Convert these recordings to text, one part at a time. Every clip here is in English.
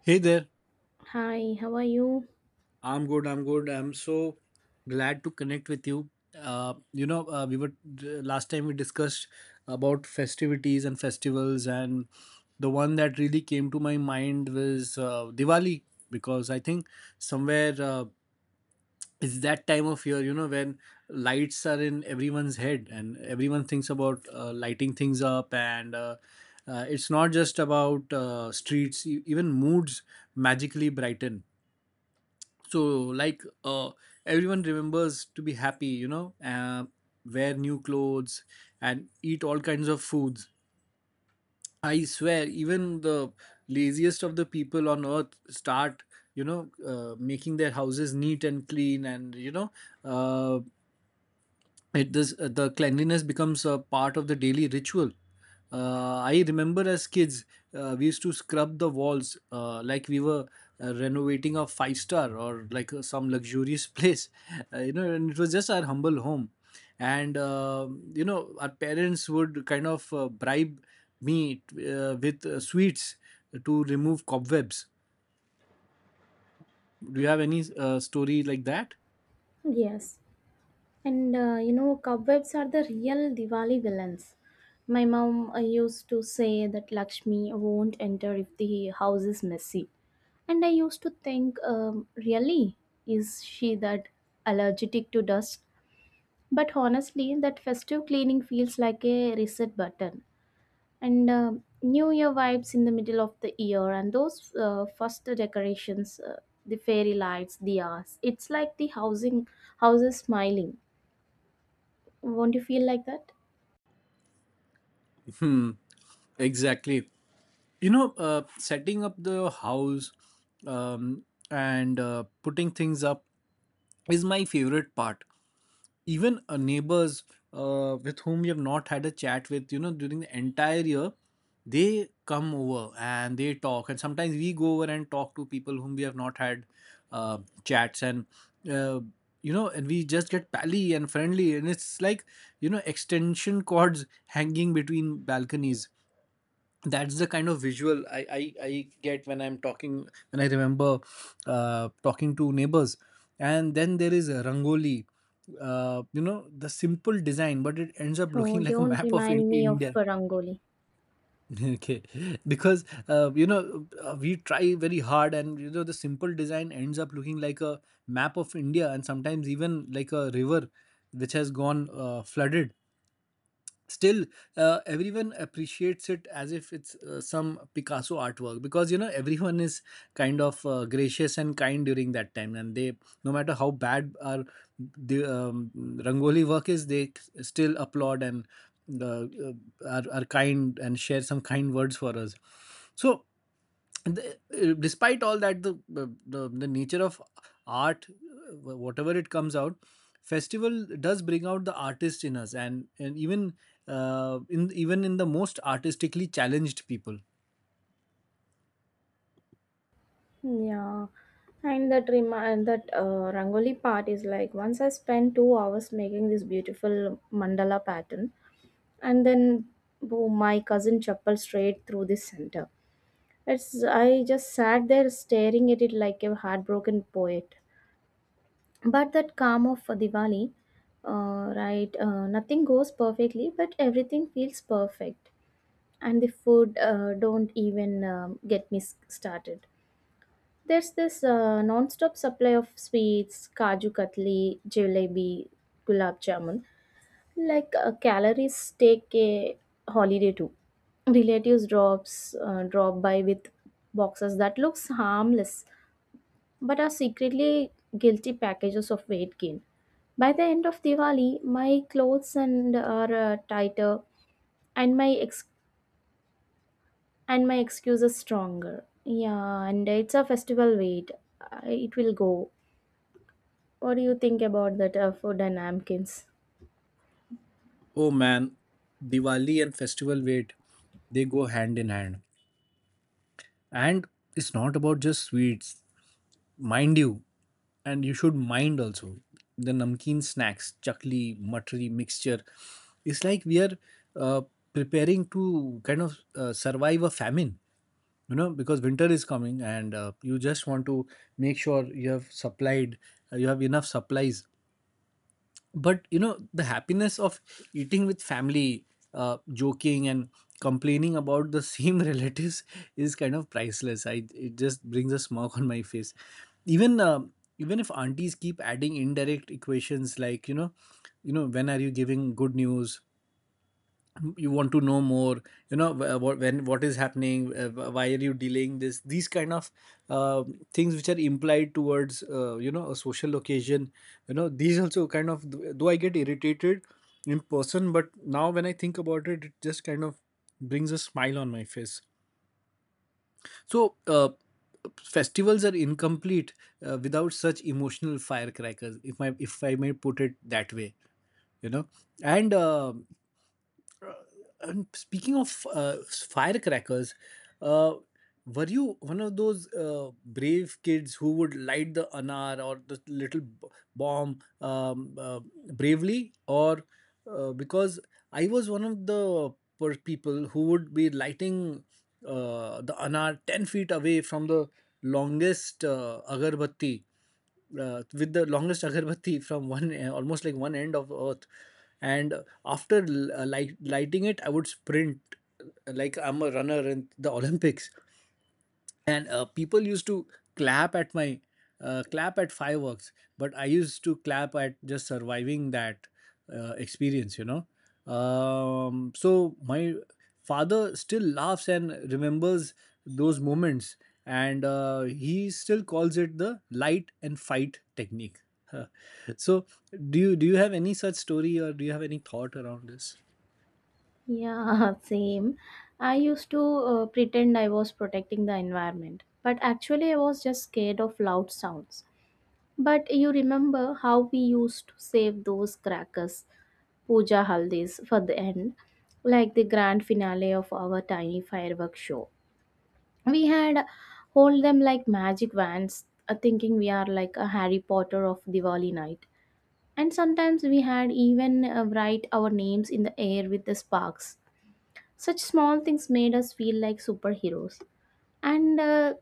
Hey there. Hi, how are you? I'm good. I'm good. I'm so glad to connect with you. You know, we were last time we discussed about festivities and festivals, and the one that really came to my mind was Diwali, because I think somewhere, it's that time of year, when lights are in everyone's head and everyone thinks about lighting things up. And it's not just about streets, even moods magically brighten. So, like, everyone remembers to be happy, wear new clothes and eat all kinds of foods. I swear, even the laziest of the people on earth start, making their houses neat and clean. And uh, it does. The cleanliness becomes a part of the daily ritual. I remember, as kids, we used to scrub the walls like we were renovating a five star, or like some luxurious place. And it was just our humble home. And our parents would kind of bribe me with sweets to remove cobwebs. Do you have any story like that? Yes. And you know, cobwebs are the real Diwali villains. My mom used to say that Lakshmi won't enter if the house is messy. And I used to think, really? Is she that allergic to dust? But honestly, that festive cleaning feels like a reset button. And new year vibes in the middle of the year, and those first decorations, the fairy lights, the hours. It's like the housing houses smiling. Won't you feel like that? Hmm. Exactly. Setting up the house, um, and putting things up, is my favorite part. Even neighbors with whom we have not had a chat, with during the entire year, they come over and they talk. And sometimes we go over and talk to people whom we have not had uh, chats, and uh, and we just get pally and friendly. And it's like, extension cords hanging between balconies. That's the kind of visual I get when I'm talking, when I remember talking to neighbors. And then there is a rangoli, the simple design, but it ends up Oh, looking like a don't map of remind me of India. rangoli. Okay, because we try very hard, and the simple design ends up looking like a map of India, and sometimes even like a river which has gone flooded. Still, everyone appreciates it as if it's some Picasso artwork, because everyone is kind of gracious and kind during that time. And they, no matter how bad our the rangoli work is, they still applaud, and uh, uh, are kind and share some kind words for us. So, despite all that, the nature of art, whatever it comes out, festival does bring out the artist in us, and even in even in the most artistically challenged people. Yeah, and that remind that rangoli part is like, once I spent 2 hours making this beautiful mandala pattern, and then boom, my cousin chappal straight through the center. It's, I just sat there staring at it like a heartbroken poet. But that calm of Diwali, right? Nothing goes perfectly, but everything feels perfect. And the food, don't even get me started. There's this non-stop supply of sweets, kaju katli, jalebi, gulab jamun. Like calories take a holiday too. Relatives drop by with boxes that looks harmless but are secretly guilty packages of weight gain. By the end of Diwali, my clothes and are tighter, and my and my excuses stronger. Yeah, and it's a festival weight. Uh, It will go. What do you think about that food and napkins? Oh man, Diwali and festival wait, they go hand in hand. And it's not about just sweets, mind you, and you should mind also the namkeen snacks, chakli, matri, mixture. It's like we are uh, preparing to kind of survive a famine, because winter is coming. And you just want to make sure you have enough supplies. But the happiness of eating with family, joking and complaining about the same relatives, is kind of priceless. I it just brings a smirk on my face. Even if aunties keep adding indirect equations, like, when are you giving good news, you want to know more, what, when, what is happening, why are you delaying this these kind of uh, things which are implied towards, a social occasion. These also kind of, though I get irritated in person, but now when I think about it, just kind of brings a smile on my face. So, festivals are incomplete without such emotional firecrackers, if I may put it that way. You know and uh, uh, and speaking of firecrackers, uh, were you one of those brave kids who would light the anar or the little bomb, bravely? Or because I was one of the people who would be lighting the anar 10 feet away from the longest agarbatti, with the longest agarbatti, from one, almost like one end of earth. And after lighting it, I would sprint, like I'm a runner in the Olympics. And people used to clap at my clap at fireworks. But I used to clap at just surviving that experience. So my father still laughs and remembers those moments. And he still calls it the light and fight technique. So, do you have any such story, or do you have any thought around this? Yeah, same. I used to pretend I was protecting the environment, but actually I was just scared of loud sounds. But you remember how we used to save those crackers, puja haldis for the end, like the grand finale of our tiny fireworks show. We had hold them like magic wands, thinking we are like a Harry Potter of Diwali night. And sometimes we had even write our names in the air with the sparks. Such small things made us feel like superheroes. And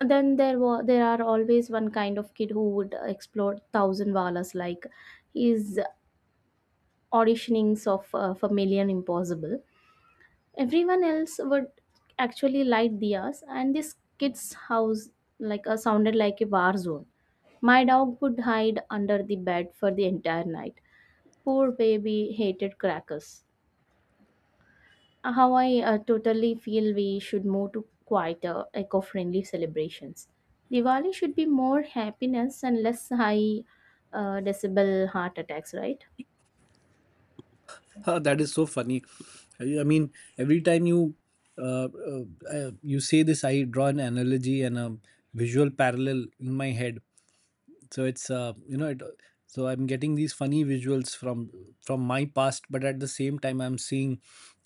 then there are always one kind of kid who would explore thousand valas like his auditionings of for Million Impossible. Everyone else would actually light diyas, and this kid's house sounded like a war zone. My dog would hide under the bed for the entire night. Poor baby hated crackers. How I totally feel we should move to quieter, eco-friendly celebrations. Diwali should be more happiness and less high decibel heart attacks, right? Huh, that is so funny. I mean, every time uh, uh, you say this, I draw an analogy and a visual parallel in my head. So it's you know, it, so I'm getting these funny visuals from my past, but at the same time, I'm seeing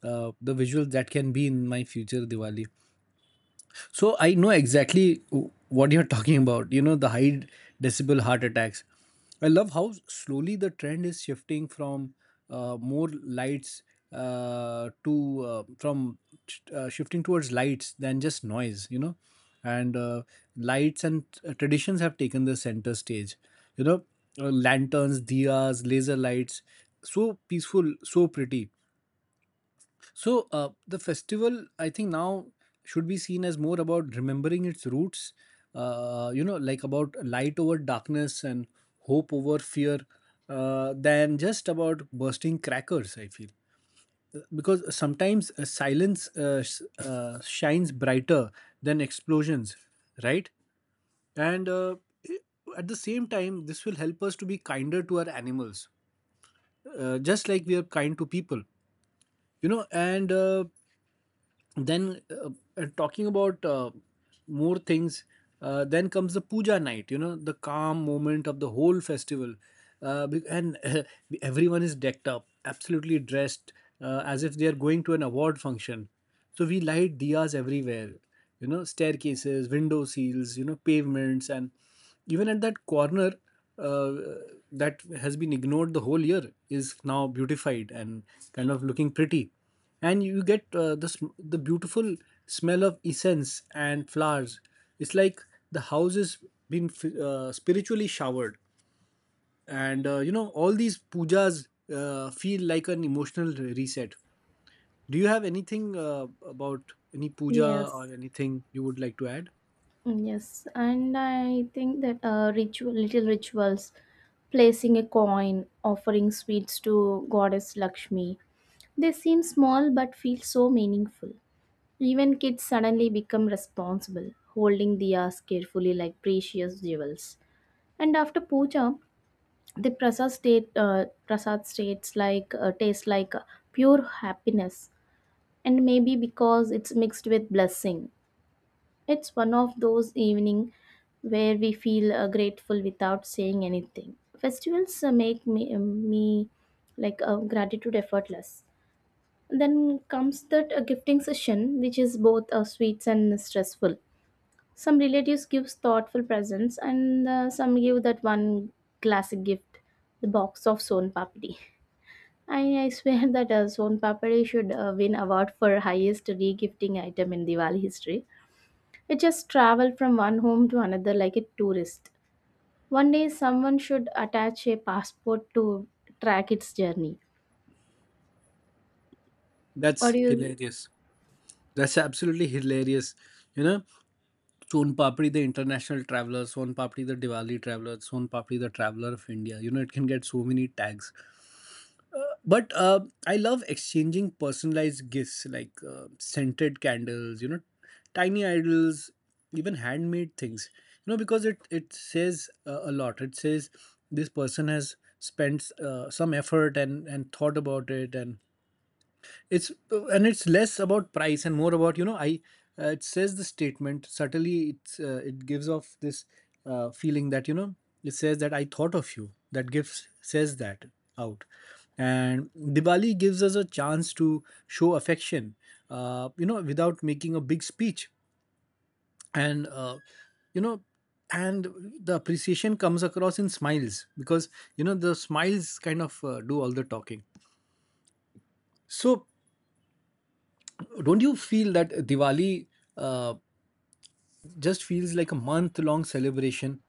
the visuals that can be in my future Diwali. So I know exactly what you're talking about. The high decibel heart attacks. I love how slowly the trend is shifting from more lights, to from shifting towards lights than just noise. You know, and Lights and traditions have taken the center stage. You know, Lanterns, diyas, laser lights, so peaceful, so pretty. So, the festival, I think, now should be seen as more about remembering its roots. Like, about light over darkness and hope over fear, than just about bursting crackers, I feel. Because sometimes silence shines brighter than explosions, right? And at the same time, this will help us to be kinder to our animals, just like we are kind to people. You know, and then Talking about more things, then comes the puja night, the calm moment of the whole festival. And everyone is decked up, absolutely dressed as if they are going to an award function. So we light diyas everywhere, staircases, window seals, pavements, and even at that corner uh, that has been ignored the whole year is now beautified and kind of looking pretty. And you get the beautiful smell of essence and flowers. It's like the house has been spiritually showered. And all these pujas feel like an emotional reset. Do you have anything about any puja, or Yes. anything you would like to add? Yes, and I think that ritual, little rituals, placing a coin, offering sweets to Goddess Lakshmi, they seem small but feel so meaningful. Even kids suddenly become responsible, holding diyas carefully like precious jewels. And after puja, the prasad states like tastes like pure happiness, and maybe because it's mixed with blessing. It's one of those evening where we feel grateful without saying anything. Festivals make me, me like gratitude effortless. Then comes that gifting session, which is both sweets and stressful. Some relatives gives thoughtful presents, and some give that one classic gift, the box of son papdi. I swear that son papdi should win award for highest regifting item in Diwali history. It just traveled from one home to another like a tourist. One day, someone should attach a passport to track its journey. Or That's you, hilarious. That's absolutely hilarious. you know Son Papdi the international traveler, Son Papdi the Diwali traveler, Son Papdi the traveler of India. It can get so many tags. But I love exchanging personalized gifts, like scented candles, tiny idols, even handmade things. Because it says a lot. It says this person has spent some effort and thought about it. And it's less about price and more about, you know I it says, the statement subtly. It gives off this feeling that, it says that I thought of you, that gives says that out. And Diwali gives us a chance to show affection, without making a big speech. And uh, you know and the appreciation comes across in smiles, because the smiles kind of do all the talking. So, don't you feel that Diwali uh, just feels like a month long celebration?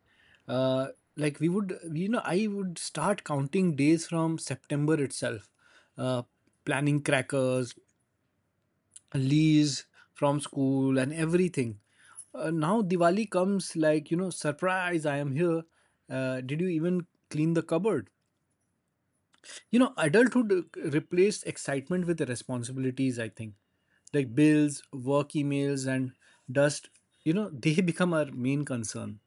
Uh, like, we would, you know, I would start counting days from September itself, uh, planning crackers, leaves from school, and everything. Now Diwali comes like, surprise, I am here. Did you even clean the cupboard? You know, adulthood replaced excitement with the responsibilities, I think. Like bills, work emails, and dust, they become our main concern.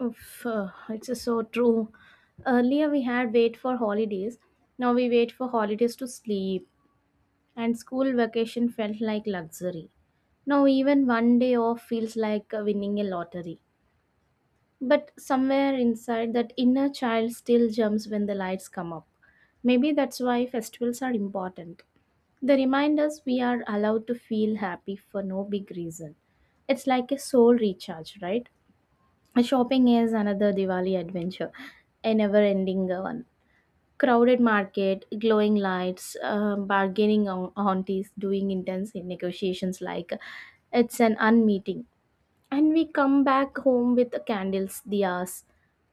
oof, it's just so true. Earlier, we had wait for holidays. Now we wait for holidays to sleep, and school vacation felt like luxury. Now even one day off feels like winning a lottery. But somewhere inside, that inner child still jumps when the lights come up. Maybe that's why festivals are important. They remind us we are allowed to feel happy for no big reason. It's like a soul recharge, right? Shopping is another Diwali adventure, a never ending one. Crowded market, glowing lights, bargaining aunties doing intense negotiations like it's an unmeeting. And we come back home with the candles, diyas,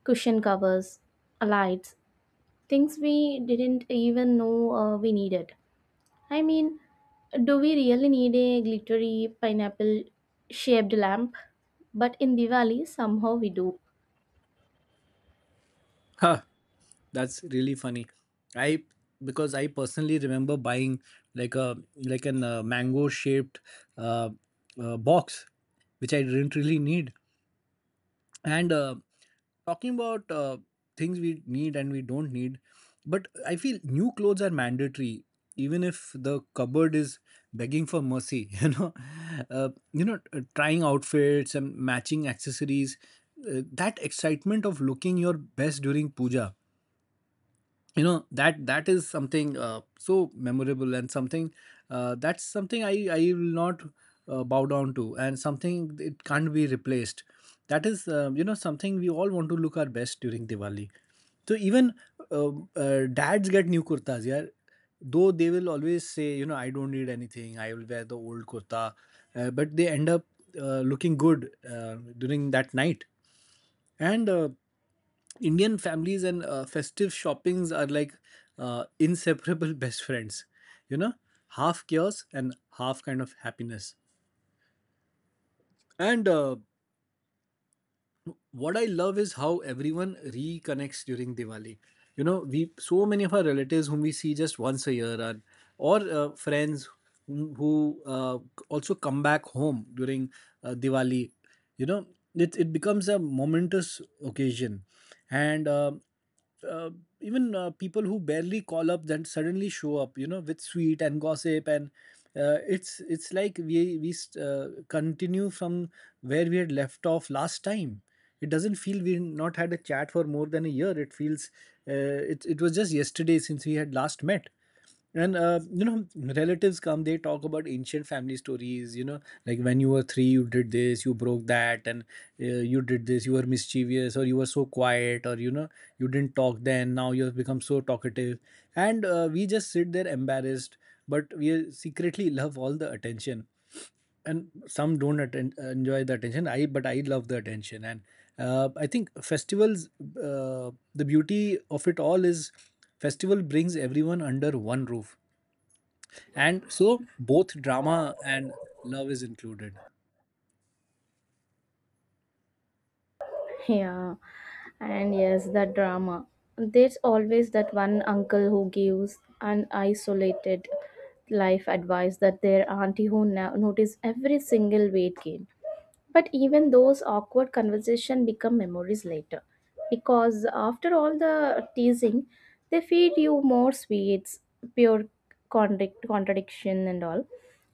cushion covers, lights, things we didn't even know we needed. I mean, do we really need a glittery pineapple shaped lamp? But in Diwali, somehow we do. Huh, that's really funny. I because I personally remember buying like an mango shaped uh, box, which I didn't really need, and talking about things we need and we don't need. But I feel new clothes are mandatory even if the cupboard is begging for mercy Trying outfits and matching accessories, that excitement of looking your best during puja, that is something so memorable, and something, that's something I will not bow down to, and something it can't be replaced. That is something we all want to look our best during Diwali. So even dads get new kurtas, yeah, though they will always say, I don't need anything, I will wear the old kurta, but they end up looking good uh, during that night. And Indian families and festive shoppings are like inseparable best friends. You know, half chaos and half kind of happiness. And what I love is how everyone reconnects during Diwali. You know, we so many of our relatives whom we see just once a year, or friends who also come back home during Diwali. You know, it becomes a momentous occasion, and uh, even people who barely call up then suddenly show up. With sweet and gossip, and it's like we continue from where we had left off last time. It doesn't feel we not had a chat for more than a year. It feels it was just yesterday since we had last met. And relatives come. They talk about ancient family stories. Like when you were 3, you did this, you broke that, and uh, you did this. You were mischievous, or you were so quiet, or you didn't talk then. Now you have become so talkative, and we just sit there embarrassed, but we secretly love all the attention. And some don't enjoy the attention, I but I love the attention. And I think festivals, the beauty of it all is festival brings everyone under one roof, and so both drama and love is included. Yeah, and yes, the drama. There's always that one uncle who gives an isolated life advice that their auntie who now notice every single weight gain. But even those awkward conversations become memories later. Because after all the teasing, they feed you more sweets, pure contradiction, and all.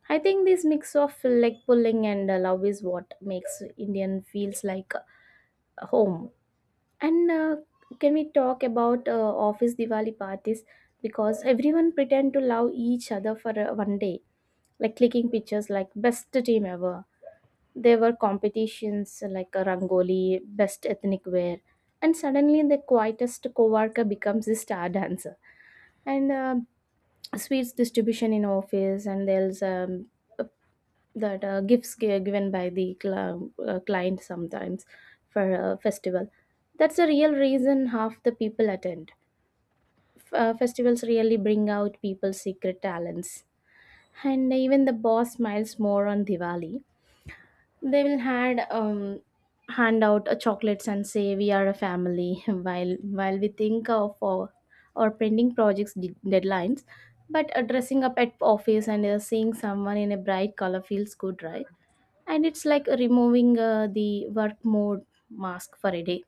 I think this mix of leg pulling and love is what makes Indian feels like home. And can we talk about office Diwali parties? Because everyone pretend to love each other for one day, like clicking pictures like best team ever. There were competitions like a rangoli, best ethnic wear, and suddenly the quietest coworker becomes the star dancer. And sweets distribution in office, and there's that given by the client sometimes for a festival. That's the real reason half the people attend. Festivals really bring out people's secret talents. And even the boss smiles more on Diwali. They will hand out chocolates and say we are a family, while we think of our pending projects deadlines. But dressing up at office and seeing someone in a bright color feels good, right? And it's like removing the work mode mask for a day,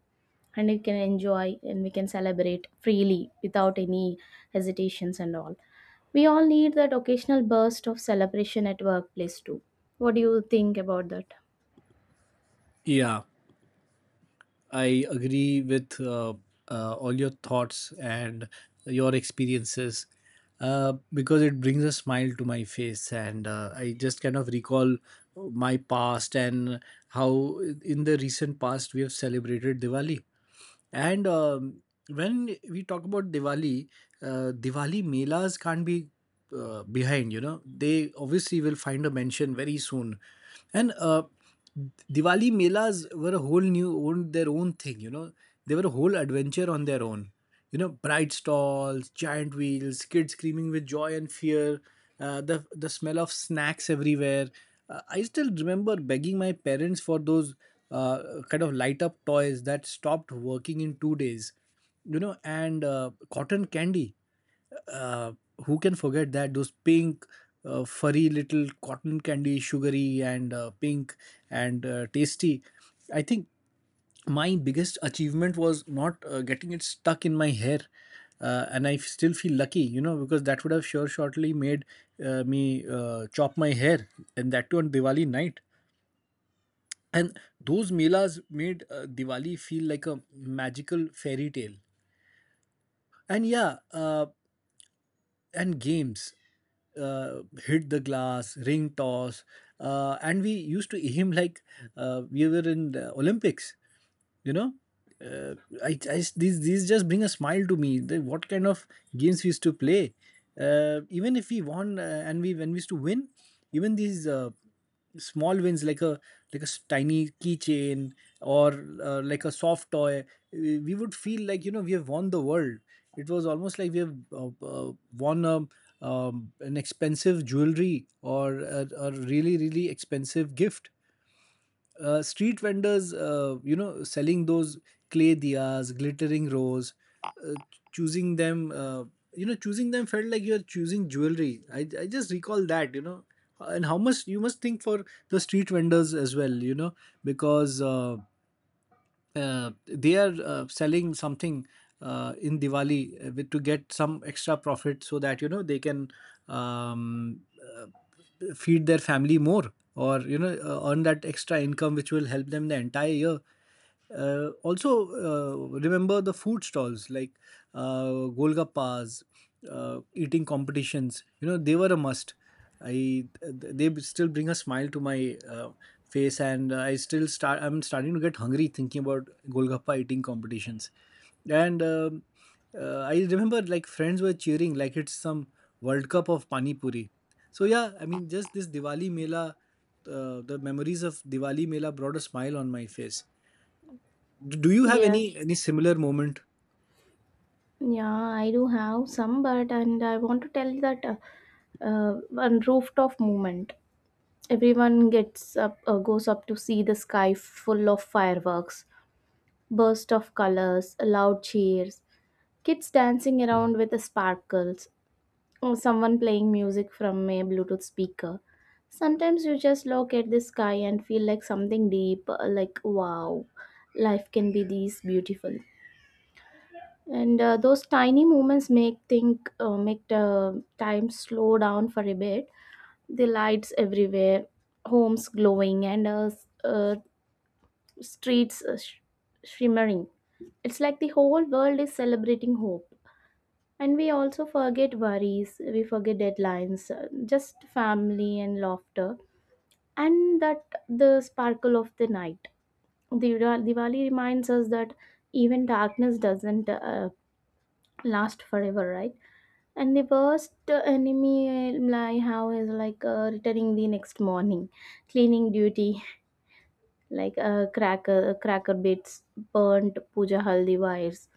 and we can enjoy and we can celebrate freely without any hesitations and all. We all need that occasional burst of celebration at workplace too. What do you think about that? Yeah, I agree with all your thoughts and your experiences, because it brings a smile to my face, and I just kind of recall my past and how in the recent past we have celebrated Diwali. And When we talk about Diwali, Diwali melas can't be behind. They obviously will find a mention very soon. And Diwali melas were a whole their own thing. They were a whole adventure on their own. Bright stalls, giant wheels, kids screaming with joy and fear, the smell of snacks everywhere. I still remember begging my parents for those uh, kind of light up toys that stopped working in 2 days. And cotton candy, uh, who can forget that? Those pink, furry little cotton candy, sugary and pink and tasty. I think my biggest achievement was not getting it stuck in my hair, and I still feel lucky, because that would have sure shortly made me chop my hair, and that too on Diwali night. And those melas made Diwali feel like a magical fairy tale. And yeah, and games, hit the glass, ring toss, and we used to aim like we were in the Olympics. you know uh, I, I, these just bring a smile to me, what kind of games we used to play, even if we won, and we when we used to win, even these small wins, like a tiny keychain, or like a soft toy, we would feel like we have won the world. It was almost like we have won an expensive jewelry, or a really expensive gift. Street vendors, selling those clay diyas, glittering rose, uh, choosing them, uh, choosing them felt like you're choosing jewelry. I just recall that, and how much you must think for the street vendors as well, because they are selling something in Diwali, to get some extra profit, so that they can um, uh, feed their family more, or earn that extra income which will help them the entire year. Also, remember the food stalls like uh, Golgappas, eating competitions. They were a must. I They still bring a smile to my face, and I still start. I'm starting to get hungry thinking about Golgappa eating competitions. And I remember, like, friends were cheering like it's some World Cup of Pani Puri. So yeah, I mean, just this Diwali Mela, the memories of Diwali Mela brought a smile on my face. Do you have any Yes, similar moment? yeah, I do have some, but and I want to tell you that one rooftop movement. Everyone gets up, goes up to see the sky full of fireworks, burst of colors, loud cheers, kids dancing around with the sparkles, or someone playing music from a Bluetooth speaker. Sometimes you just look at the sky and feel like something deep, like wow, life can be this beautiful. And those tiny moments make think make the time slow down for a bit. The lights everywhere, homes glowing, and streets shimmering. It's like the whole world is celebrating hope, and we also forget worries, we forget deadlines, just family and laughter. And that, the sparkle of the night. Diwali reminds us that even darkness doesn't last forever, right? And the worst enemy I have is like returning the next morning, cleaning duty, like cracker bits, burnt puja haldi wires,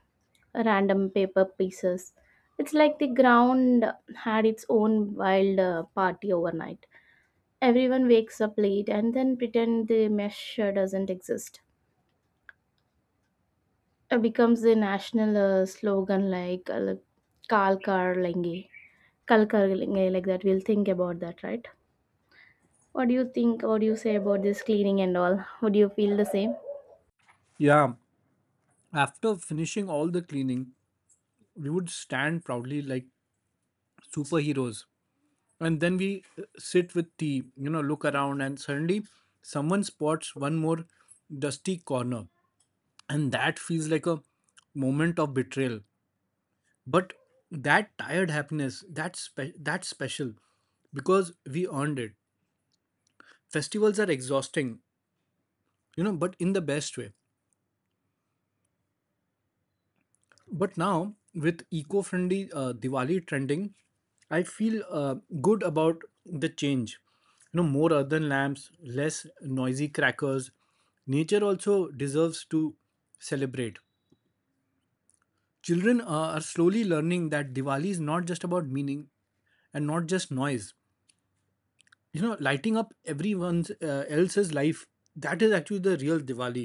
random paper pieces. It's like the ground had its own wild party overnight. Everyone wakes up late and then pretend the mesh doesn't exist. Becomes a national slogan, like Kal Kar Lenge, Kal Kar Lenge, like that. We'll think about that, right? What do you think? What do you say about this cleaning and all? Would you feel the same? Yeah, after finishing all the cleaning, we would stand proudly like superheroes, and then we sit with tea, look around, and suddenly someone spots one more dusty corner, and that feels like a moment of betrayal. But that tired happiness, that's special, because we earned it. Festivals are exhausting, but in the best way. But now, with eco friendly Diwali trending, I feel good about the change. More earthen lamps, less noisy crackers. Nature also deserves to celebrate. Children are slowly learning that Diwali is not just about meaning and not just noise. Lighting up everyone's else's life, that is actually the real Diwali.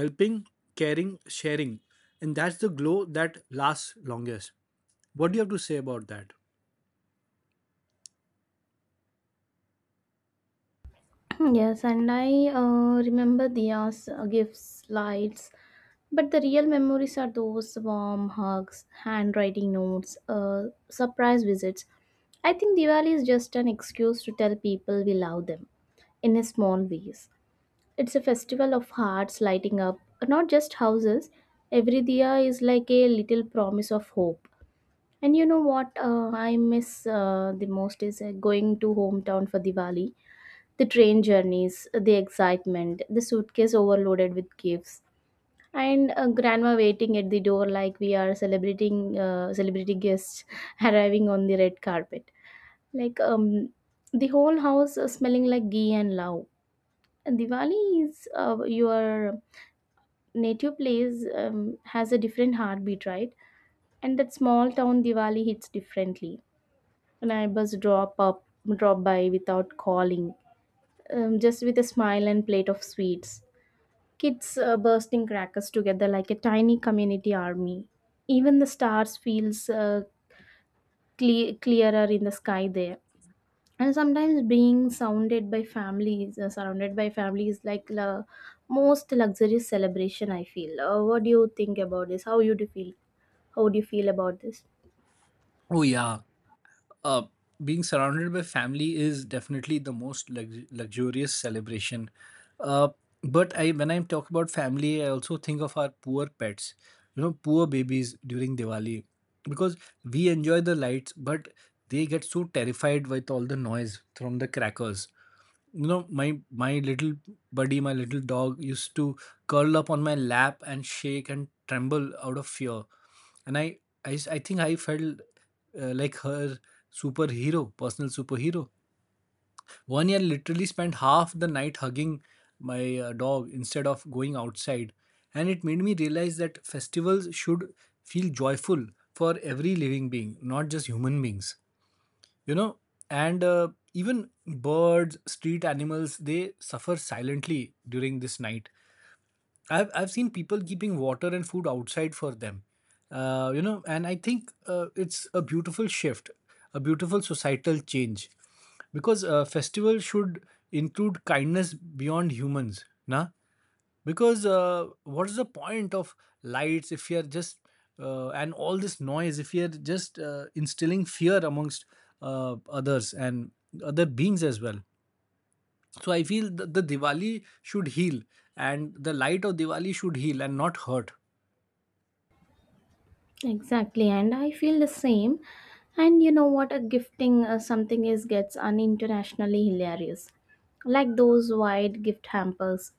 Helping, caring, sharing, and that's the glow that lasts longest. What do you have to say about that? Yes, and I remember Diya's, gifts, lights, but the real memories are those warm hugs, handwriting notes, surprise visits. I think Diwali is just an excuse to tell people we love them in a small ways. It's a festival of hearts lighting up, not just houses. Every diya is like a little promise of hope. And you know what, I miss the most is going to hometown for Diwali. The train journeys, the excitement, the suitcase overloaded with gifts, and grandma waiting at the door like we are celebrating celebrity guests arriving on the red carpet. Like the whole house smelling like ghee and love. And Diwali is your native place has a different heartbeat, right? And that small town Diwali hits differently. Neighbors drop up, drop by without calling, just with a smile and plate of sweets. Kids bursting crackers together like a tiny community army. Even the stars feels clearer in the sky there. And sometimes being surrounded by families, like the most luxurious celebration I feel. What do you think about this? How do you feel about this? Oh, yeah. uh, Being surrounded by family is definitely the most luxurious celebration. Uh, but when I talk about family, I also think of our poor pets, poor babies during Diwali, because we enjoy the lights, but they get so terrified with all the noise from the crackers. My little buddy, my little dog, used to curl up on my lap and shake and tremble out of fear. And I think I felt like her superhero, personal superhero. One year, literally spent half the night hugging my dog instead of going outside. And it made me realize that festivals should feel joyful for every living being, not just human beings. You know and uh, even birds, street animals, they suffer silently during this night. I've seen people keeping water and food outside for them. And I think it's a beautiful shift, a beautiful societal change, because festival should include kindness beyond humans, na. Because what is the point of lights if you're just, and all this noise if you're just, instilling fear amongst others and other beings as well? So I feel the Diwali should heal, and the light of Diwali should heal and not hurt. Exactly, and I feel the same. And you know what, a gifting something is gets un internationally hilarious, like those wide gift hampers,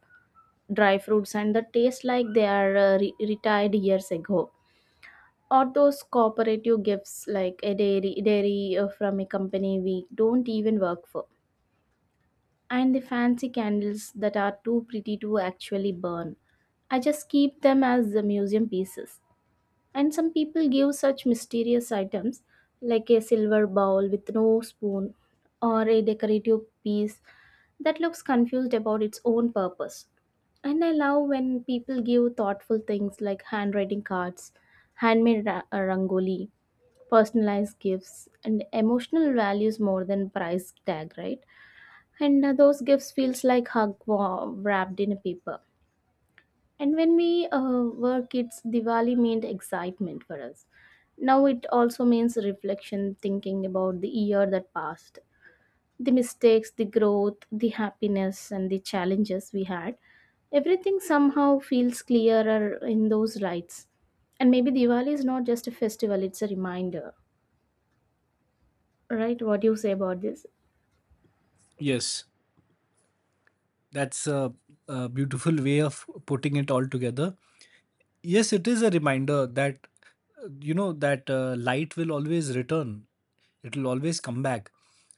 dry fruits and the taste like they are retired years ago, or those cooperative gifts like a dairy from a company we don't even work for, and the fancy candles that are too pretty to actually burn. I just keep them as the museum pieces. And some people give such mysterious items like a silver bowl with no spoon, or a decorative piece that looks confused about its own purpose. And I love when people give thoughtful things like handwriting cards, handmade rangoli, personalized gifts, and emotional values more than price tag, right? And those gifts feels like hug wrapped in a paper. And when we were kids, Diwali meant excitement for us. Now it also means reflection, thinking about the year that passed, the mistakes, the growth, the happiness and the challenges we had. Everything somehow feels clearer in those lights. And maybe Diwali is not just a festival, it's a reminder. Right, what do you say about this? Yes. That's a beautiful way of putting it all together. Yes, it is a reminder that light will always return, it will always come back.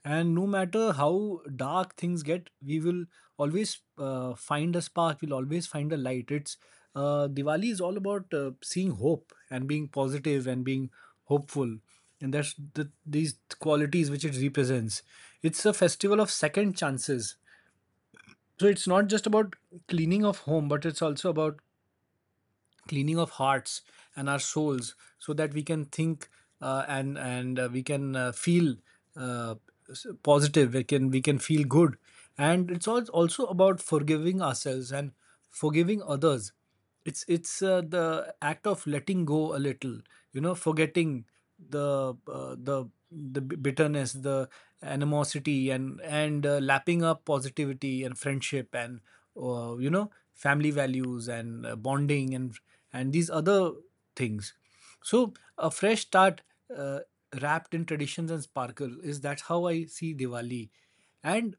And no matter how dark things get, we will always find a spark, we'll always find a light. It's Diwali is all about seeing hope and being positive and being hopeful. And that's these qualities which it represents. It's a festival of second chances, so it's not just about cleaning of home, but it's also about cleaning of hearts and our souls, so that we can think, and we can feel, uh, positive. We can feel good, and it's also about forgiving ourselves and forgiving others. It's the act of letting go a little, forgetting the uh, the the bitterness, the animosity, and lapping up positivity and friendship, and family values, and bonding, and these other things. So a fresh start, uh, wrapped in traditions and sparkle, is that's how I see Diwali. and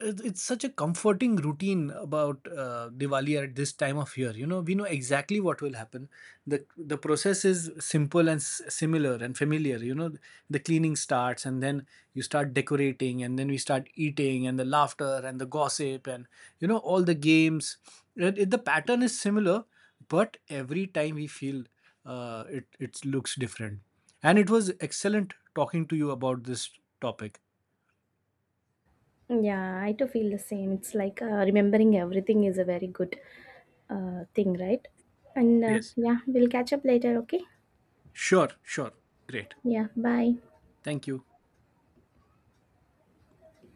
it- it's such a comforting routine about Diwali at this time of year. We know exactly what will happen. The process is simple and similar and familiar. The cleaning starts, and then you start decorating, and then we start eating, and the laughter and the gossip, and all the games. The pattern is similar, but every time we feel it looks different. And it was excellent talking to you about this topic. Yeah, I too feel the same. It's like remembering everything is a very good thing, right? And Yes. yeah, we'll catch up later, okay? Sure, sure. Great. Yeah, bye. Thank you.